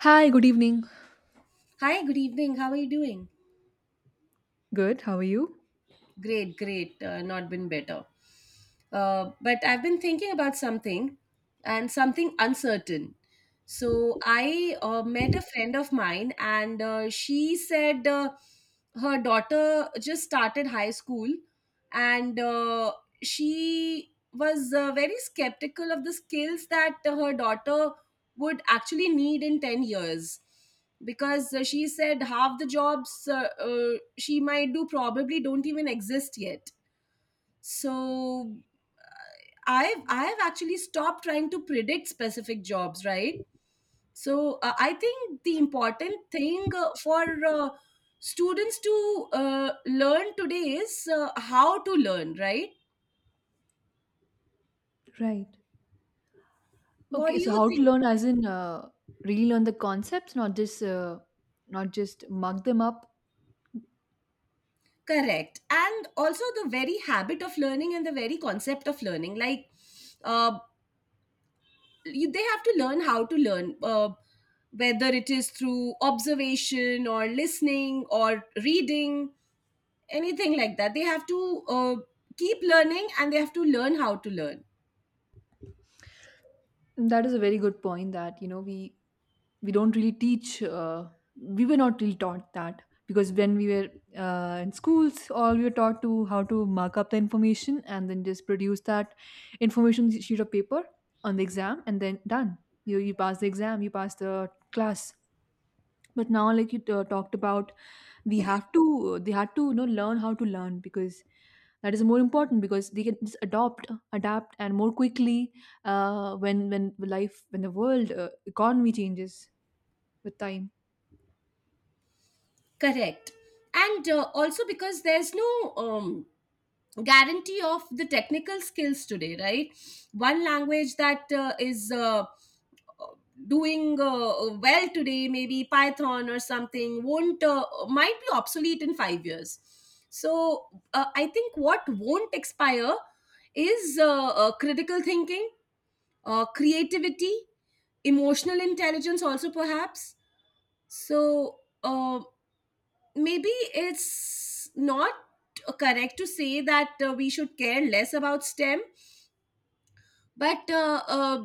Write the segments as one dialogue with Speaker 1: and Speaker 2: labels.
Speaker 1: Hi, good evening.
Speaker 2: Hi, good evening. How are you doing?
Speaker 1: Good, how are you?
Speaker 2: Great, great. Not been better. But I've been thinking about something and something uncertain. So I met a friend of mine, and she said her daughter just started high school and she was very skeptical of the skills that her daughter would actually need in 10 years because she said half the jobs she might do probably don't even exist yet, so I've actually stopped trying to predict specific jobs, right? So I think the important thing for students to learn today is how to learn, right?
Speaker 1: Right.
Speaker 2: What
Speaker 1: Okay,
Speaker 2: do
Speaker 1: so
Speaker 2: you
Speaker 1: how to
Speaker 2: think?
Speaker 1: learn as in really learn the concepts, not just mug them up.
Speaker 2: Correct, and also the very habit of learning and the very concept of learning, like. Uh, they have to learn how to learn whether it is through observation or listening or reading anything like that. They have to keep learning and they have to learn how to learn
Speaker 1: That is a very good point that we don't really teach. We were not really taught that, because when we were in schools, all we were taught to how to mark up the information and then just produce that information sheet of paper on the exam, and then done. You pass the exam, you pass the class. But now, like you talked about, we have to they had to you know learn how to learn, because that is more important, because they can just adopt adapt and more quickly uh, when when when the world economy changes with time.
Speaker 2: correct, and also because there's no guarantee of the technical skills today, right? One language that is doing well today, maybe Python or something, won't might be obsolete in 5 years. So I think what won't expire is critical thinking, creativity, emotional intelligence also, perhaps. So uh, maybe it's not correct to say that we should care less about STEM, but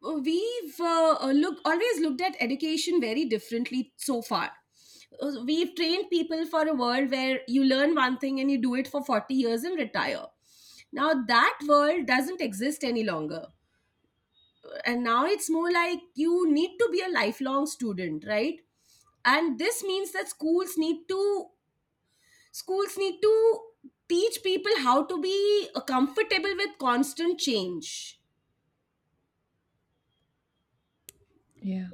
Speaker 2: we've look always looked at education very differently so far. We've trained people for a world where you learn one thing and you do it for 40 years and retire. Now that world doesn't exist any longer, and now it's more like you need to be a lifelong student, right? And this means that schools need to teach people how to be comfortable with constant change.
Speaker 1: Yeah.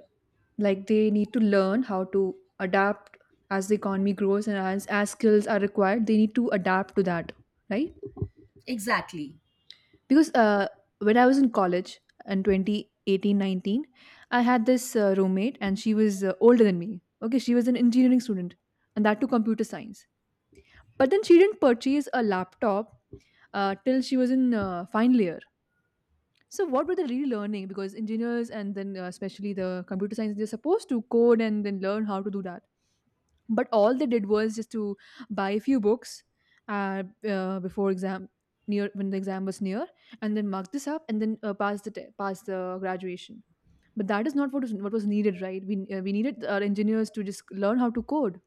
Speaker 1: Like they need to learn how to adapt as the economy grows and as skills are required, they need to adapt to that, right?
Speaker 2: Exactly.
Speaker 1: Because when I was in college in 2018-19, I had this roommate, and she was older than me. Okay, she was an engineering student, and that to computer science. But then she didn't purchase a laptop till she was in final year. So what were they really learning? Because engineers, and then especially the computer science, they're supposed to code and then learn how to do that, but all they did was just to buy a few books, before exam near when the exam was near, and then mark this up, and then pass the graduation. But that is not what was needed. Right, we needed our engineers to just learn how to code,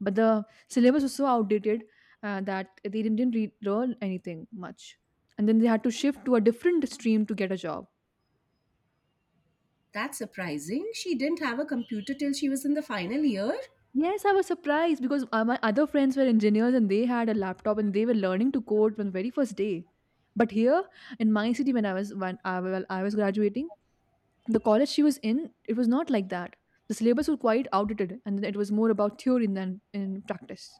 Speaker 1: but the syllabus was so outdated that they didn't learn anything much, and then they had to shift to a different stream to get a job.
Speaker 2: That's surprising. She didn't have a computer till she was in the final year.
Speaker 1: Yes, I was surprised because my other friends were engineers, and they had a laptop, and they were learning to code from the very first day. But here, in my city, when I was when I, well, I was graduating, the college she was in, it was not like that. The syllabus was quite outdated, and it was more about theory than in practice.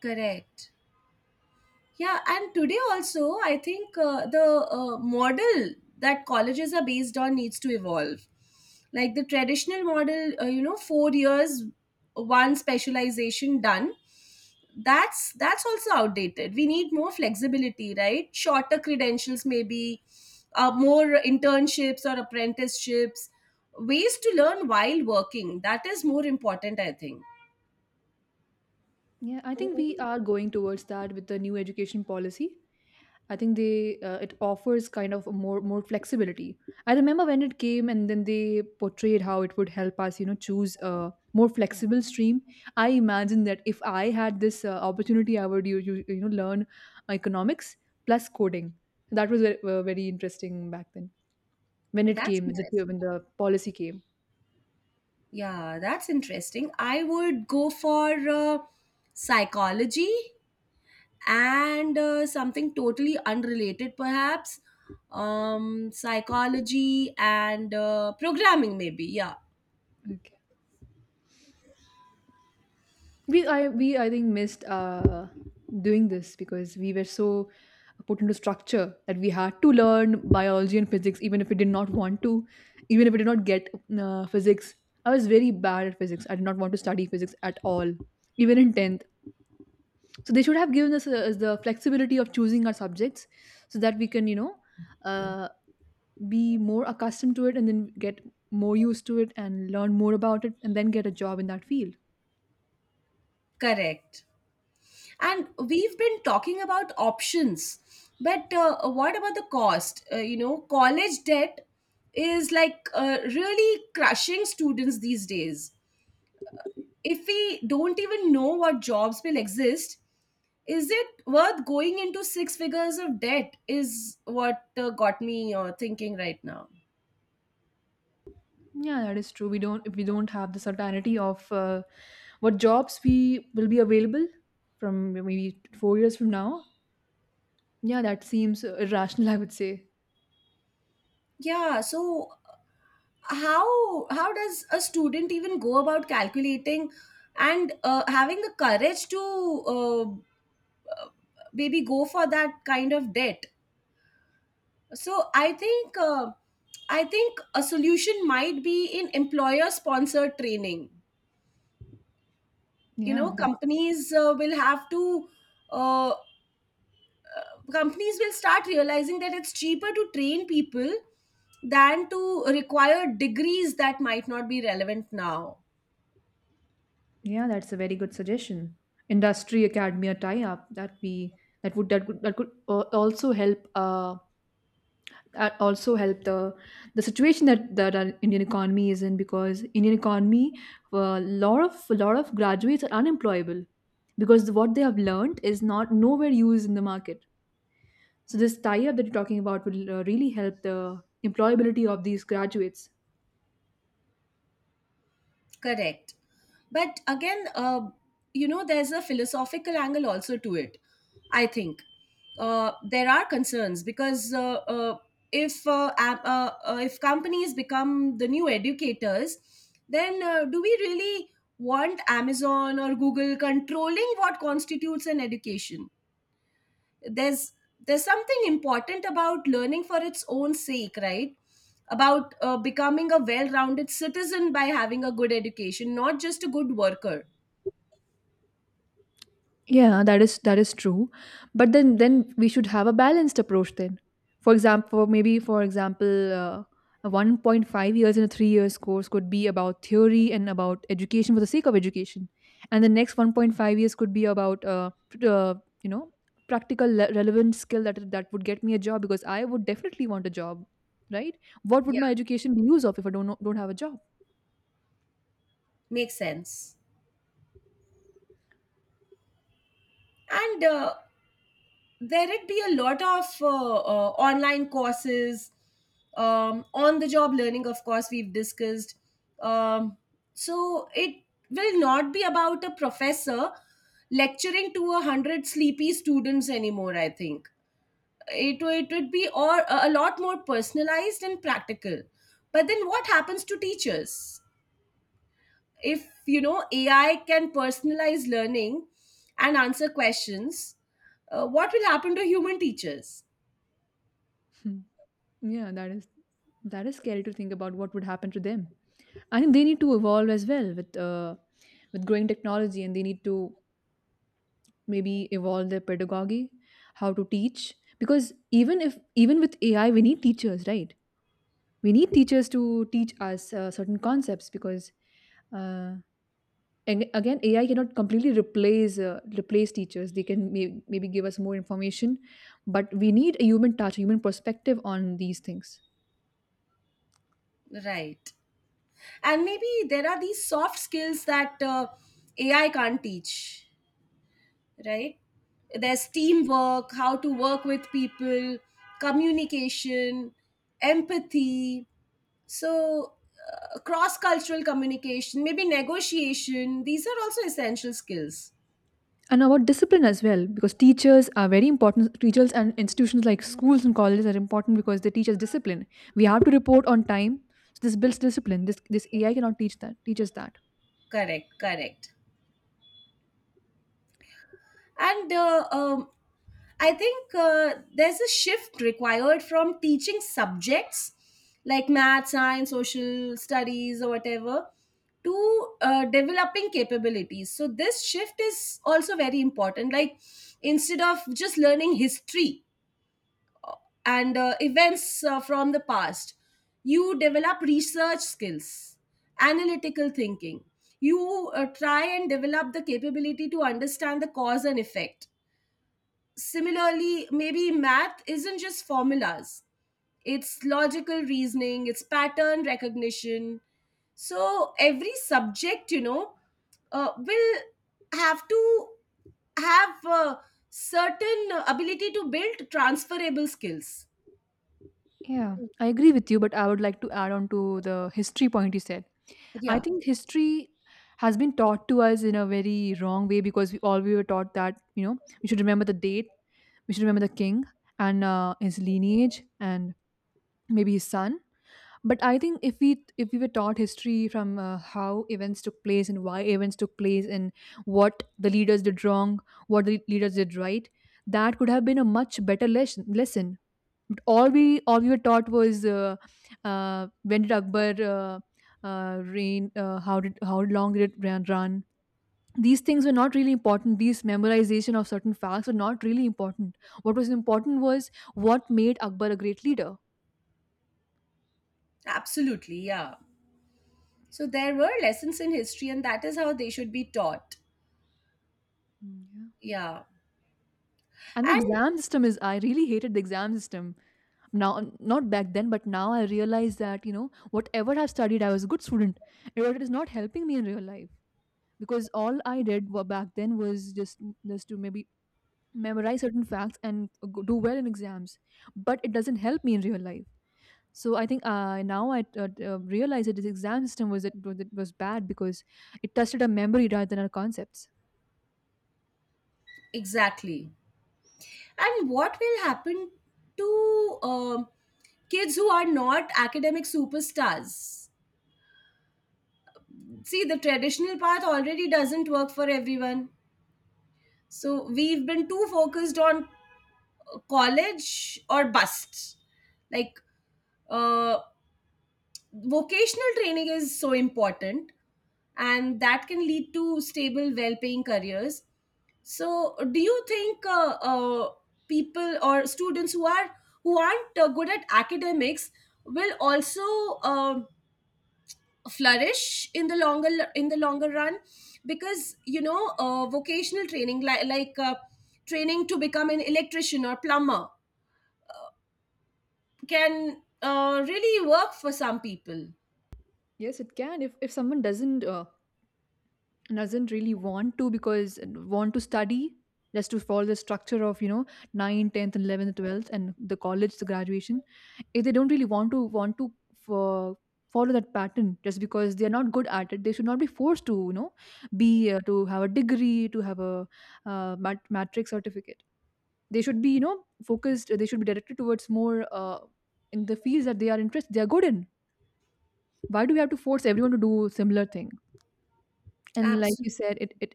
Speaker 2: Correct. Yeah, and today also, I think the model that colleges are based on needs to evolve. Like the traditional model, you know, 4 years, one specialization done. That's also outdated. We need more flexibility, right? Shorter credentials, maybe more internships or apprenticeships, ways to learn while working. That is more important, I think.
Speaker 1: Yeah, I think we are going towards that with the new education policy. I think they it offers kind of a more flexibility. I remember when it came, and then they portrayed how it would help us, choose a more flexible stream. I imagine that if I had this opportunity, I would, learn economics plus coding. That was very, very interesting back then, when it
Speaker 2: That's
Speaker 1: came the
Speaker 2: interesting.
Speaker 1: when the policy came.
Speaker 2: Yeah, that's interesting. I would go for psychology and something totally unrelated, perhaps. Psychology and programming, maybe. Yeah,
Speaker 1: Okay. We I think missed doing this, because we were so put into structure that we had to learn biology and physics, even if we did not want to, even if we did not get physics. I was very bad at physics. I did not want to study physics at all, even in tenth. So they should have given us the flexibility of choosing our subjects, so that we can uh, be more accustomed to it and then get more used to it and learn more about it and then get a job in that field.
Speaker 2: correct. And we've been talking about options, but what about the cost? You know, college debt is like really crushing students these days. If we don't even know what jobs will exist, is it worth going into six figures of debt is what got me thinking right now.
Speaker 1: Yeah, that is true. We don't if we don't have the certainty of what jobs we will be available from maybe 4 years from now. Yeah, that seems irrational, I would say.
Speaker 2: Yeah, so how does a student even go about calculating and having the courage to uh, maybe go for that kind of debt? So I think I think a solution might be in employer sponsored training. You
Speaker 1: Yeah,
Speaker 2: know,
Speaker 1: that's
Speaker 2: companies will have to uh, companies will start realizing that it's cheaper to train people than to require degrees that might not be relevant now.
Speaker 1: yeah, that's a very good suggestion. Industry academia tie up that would that could al- also help, also help the situation that our Indian economy is in, because Indian economy, a lot of graduates are unemployable, because what they have learned is not nowhere used in the market. So this tie up that you're talking about will really help the employability of these graduates.
Speaker 2: Correct. But again, you know, there's a philosophical angle also to it, I think. There are concerns because if if companies become the new educators, then do we really want Amazon or Google controlling what constitutes an education? there's there's something important about learning for its own sake, right? About becoming a well-rounded citizen by having a good education, not just a good worker.
Speaker 1: Yeah, that is true. But then we should have a balanced approach then. For example, maybe for example, a 1.5 years and a 3 years course could be about theory and about education for the sake of education. And the next 1.5 years could be about you know, practical relevant skill that would get me a job, because I would definitely want a job, right? What would
Speaker 2: Yeah,
Speaker 1: my education be used of if I don't have a job?
Speaker 2: makes sense. And there'd be a lot of online courses, on the job learning, of course, we've discussed. um, so it will not be about a professor lecturing to a hundred sleepy students anymore, I think. It would be or a lot more personalized and practical. But then what happens to teachers if, you know, AI can personalize learning and answer questions? What will happen to human teachers?
Speaker 1: Hmm. Yeah, that is scary to think about what would happen to them. I think they need to evolve as well with growing technology, and they need to maybe evolve their pedagogy, how to teach. Because even if even with AI, we need teachers, right? We need teachers to teach us certain concepts, because uh, and again, AI cannot completely replace teachers. They can maybe give us more information, but we need a human touch, a human perspective on these things.
Speaker 2: Right. And maybe there are these soft skills that AI can't teach, right? There's teamwork, how to work with people, communication, empathy. So cross cultural communication, maybe negotiation, these are also essential skills.
Speaker 1: And about discipline as well, because teachers are very important. Teachers and institutions like schools and colleges are important, because they teach us discipline. We have to report on time, so this builds discipline. This AI cannot teach us that.
Speaker 2: Correct, correct. And I think there's a shift required from teaching subjects like math, science, social studies, or whatever to developing capabilities. So, this shift is also very important. Like, instead of just learning history, and events from the past. You develop research skills, analytical thinking. You try and develop the capability to understand the cause and effect. Similarly, maybe math isn't just formulas, it's logical reasoning, it's pattern recognition. So, every subject, you know, will have to have certain ability to build transferable skills.
Speaker 1: Yeah, I agree with you, but I would like to add on to the history point you said. I
Speaker 2: Yeah.
Speaker 1: think history has been taught to us in a very wrong way, because we were taught that, we should remember the date, we should remember the king and his lineage and maybe his son. But I think if we were taught history from, how events took place and why events took place and what the leaders did wrong, what the leaders did right, that could have been a much better lesson. But all we were taught was, when did Akbar reign, how long did it run. These things were not really important. These memorization of certain facts were not really important. What was important was what made Akbar a great leader.
Speaker 2: Absolutely, yeah. So there were lessons in history, and that is how they should be taught.
Speaker 1: Mm, yeah.
Speaker 2: Yeah,
Speaker 1: And the
Speaker 2: and
Speaker 1: exam system is, I really hated the exam system. Now, not back then, but now I realize that, whatever I've studied, I was a good student. And what it is not helping me in real life. Because all I did back then was just to maybe memorize certain facts and do well in exams. But it doesn't help me in real life. So I think now I realize that this exam system was bad, because it tested our memory rather than our concepts.
Speaker 2: exactly. And what will happen to kids who are not academic superstars? See, the traditional path already doesn't work for everyone. So we've been too focused on college or bust. Like, uh, vocational training is so important, and that can lead to stable, well paying careers. So, do you think people or students who are who aren't good at academics will also um flourish in the longer run? Because, you know, vocational training like training to become an electrician or plumber can really work for some people.
Speaker 1: Yes, it can. If someone doesn't really want to study, just to follow the structure of nine, tenth, 10th, 11th, 12th and the college, the graduation. If they don't really want to for follow that pattern just because they are not good at it, they should not be forced to, be, to have a degree, to have a matrix certificate. They should be, focused. They should be directed towards more, in the fields that they are interested, they are good in. Why do we have to force everyone to do similar thing? And like you
Speaker 2: Absolutely
Speaker 1: said, it it,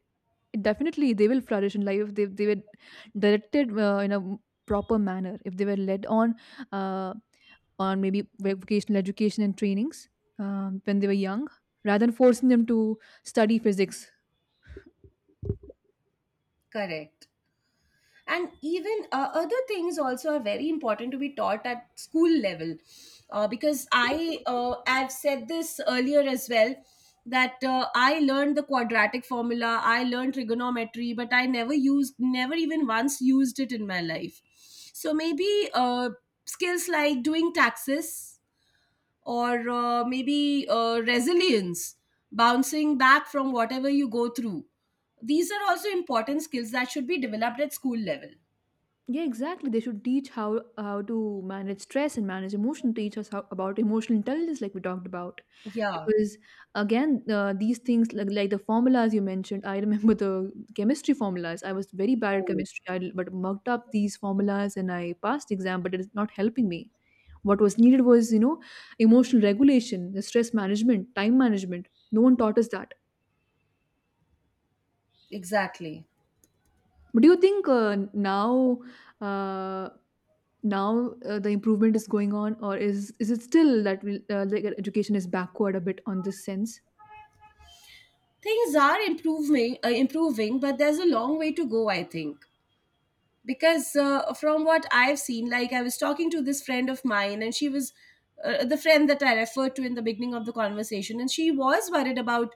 Speaker 1: it definitely they will flourish in life, if they were directed, in a proper manner, if they were led on, uh, on maybe vocational education and trainings, when they were young, rather than forcing them to study physics.
Speaker 2: correct. And even other things also are very important to be taught at school level, because I've said this earlier as well that I learned the quadratic formula, I learned trigonometry, but I never even once used it in my life. So maybe skills like doing taxes or maybe resilience, bouncing back from whatever you go through, these are also important skills that should be developed at school level.
Speaker 1: Yeah, exactly. They should teach how to manage stress and manage emotion. Teach us how, about emotional intelligence, like we talked about,
Speaker 2: Yeah.
Speaker 1: because again, these things, like the formulas you mentioned. I remember the chemistry formulas. I was very bad at
Speaker 2: Oh,
Speaker 1: chemistry, but mugged up these formulas and I passed the exam, but it is not helping me. What was needed was, emotional regulation, the stress management, time management. No one taught us that.
Speaker 2: exactly.
Speaker 1: But do you think now? uh, Now, the improvement is going on, or is it still that, like, education is backward a bit on this sense?
Speaker 2: Things are improving, but there's a long way to go, I think. Because from what I've seen, like I was talking to this friend of mine, and she was the friend that I referred to in the beginning of the conversation, and she was worried about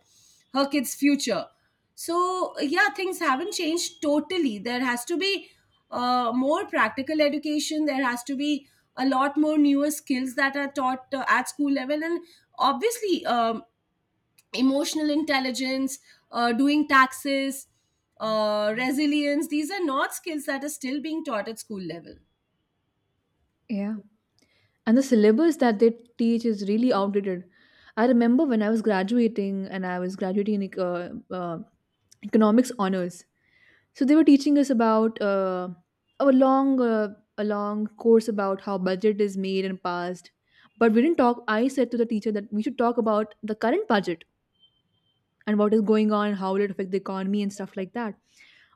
Speaker 2: her kid's future. So, yeah, things haven't changed totally. There has to be more practical education, there has to be a lot more newer skills that are taught at school level, and obviously emotional intelligence, doing taxes, resilience. These are not skills that are still being taught at school level.
Speaker 1: Yeah, and the syllabus that they teach is really outdated. I remember when I was graduating, and I was graduating in economics honors, so they were teaching us about a long course about how budget is made and passed. But we didn't talk, I said to the teacher that we should talk about the current budget, and what is going on, and how will it affect the economy, and stuff like that.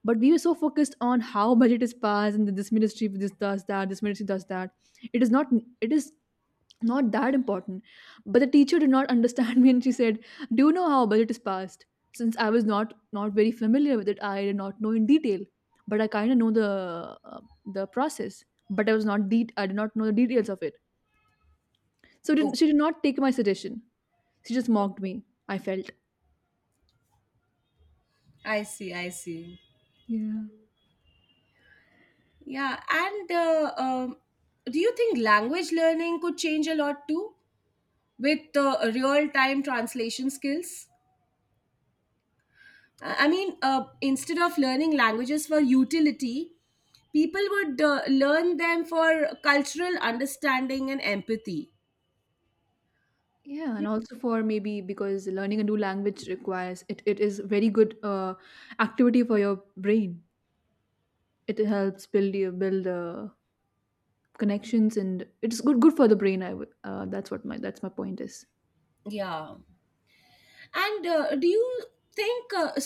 Speaker 1: But we were so focused on how budget is passed, and that this ministry this does that, this ministry does that. It is not, it is not that important. But the teacher did not understand me, and she said, Do you know how budget is passed? Since I was not very familiar with it, I did not know in detail. But I kind of know the process. But I did not know the details of it. So didn't,
Speaker 2: Oh,
Speaker 1: she did not take my suggestion. She just mocked me. I felt.
Speaker 2: I see, I see.
Speaker 1: Yeah.
Speaker 2: Yeah, and do you think language learning could change a lot too with real time translation skills? I mean, instead of learning languages for utility, people would learn them for cultural understanding and empathy.
Speaker 1: Yeah, and also for maybe because learning a new language requires it. It is very good activity for your brain. It helps build you build connections, and it's good for the brain. I would that's what my that's my point is.
Speaker 2: Yeah. And do you think uh,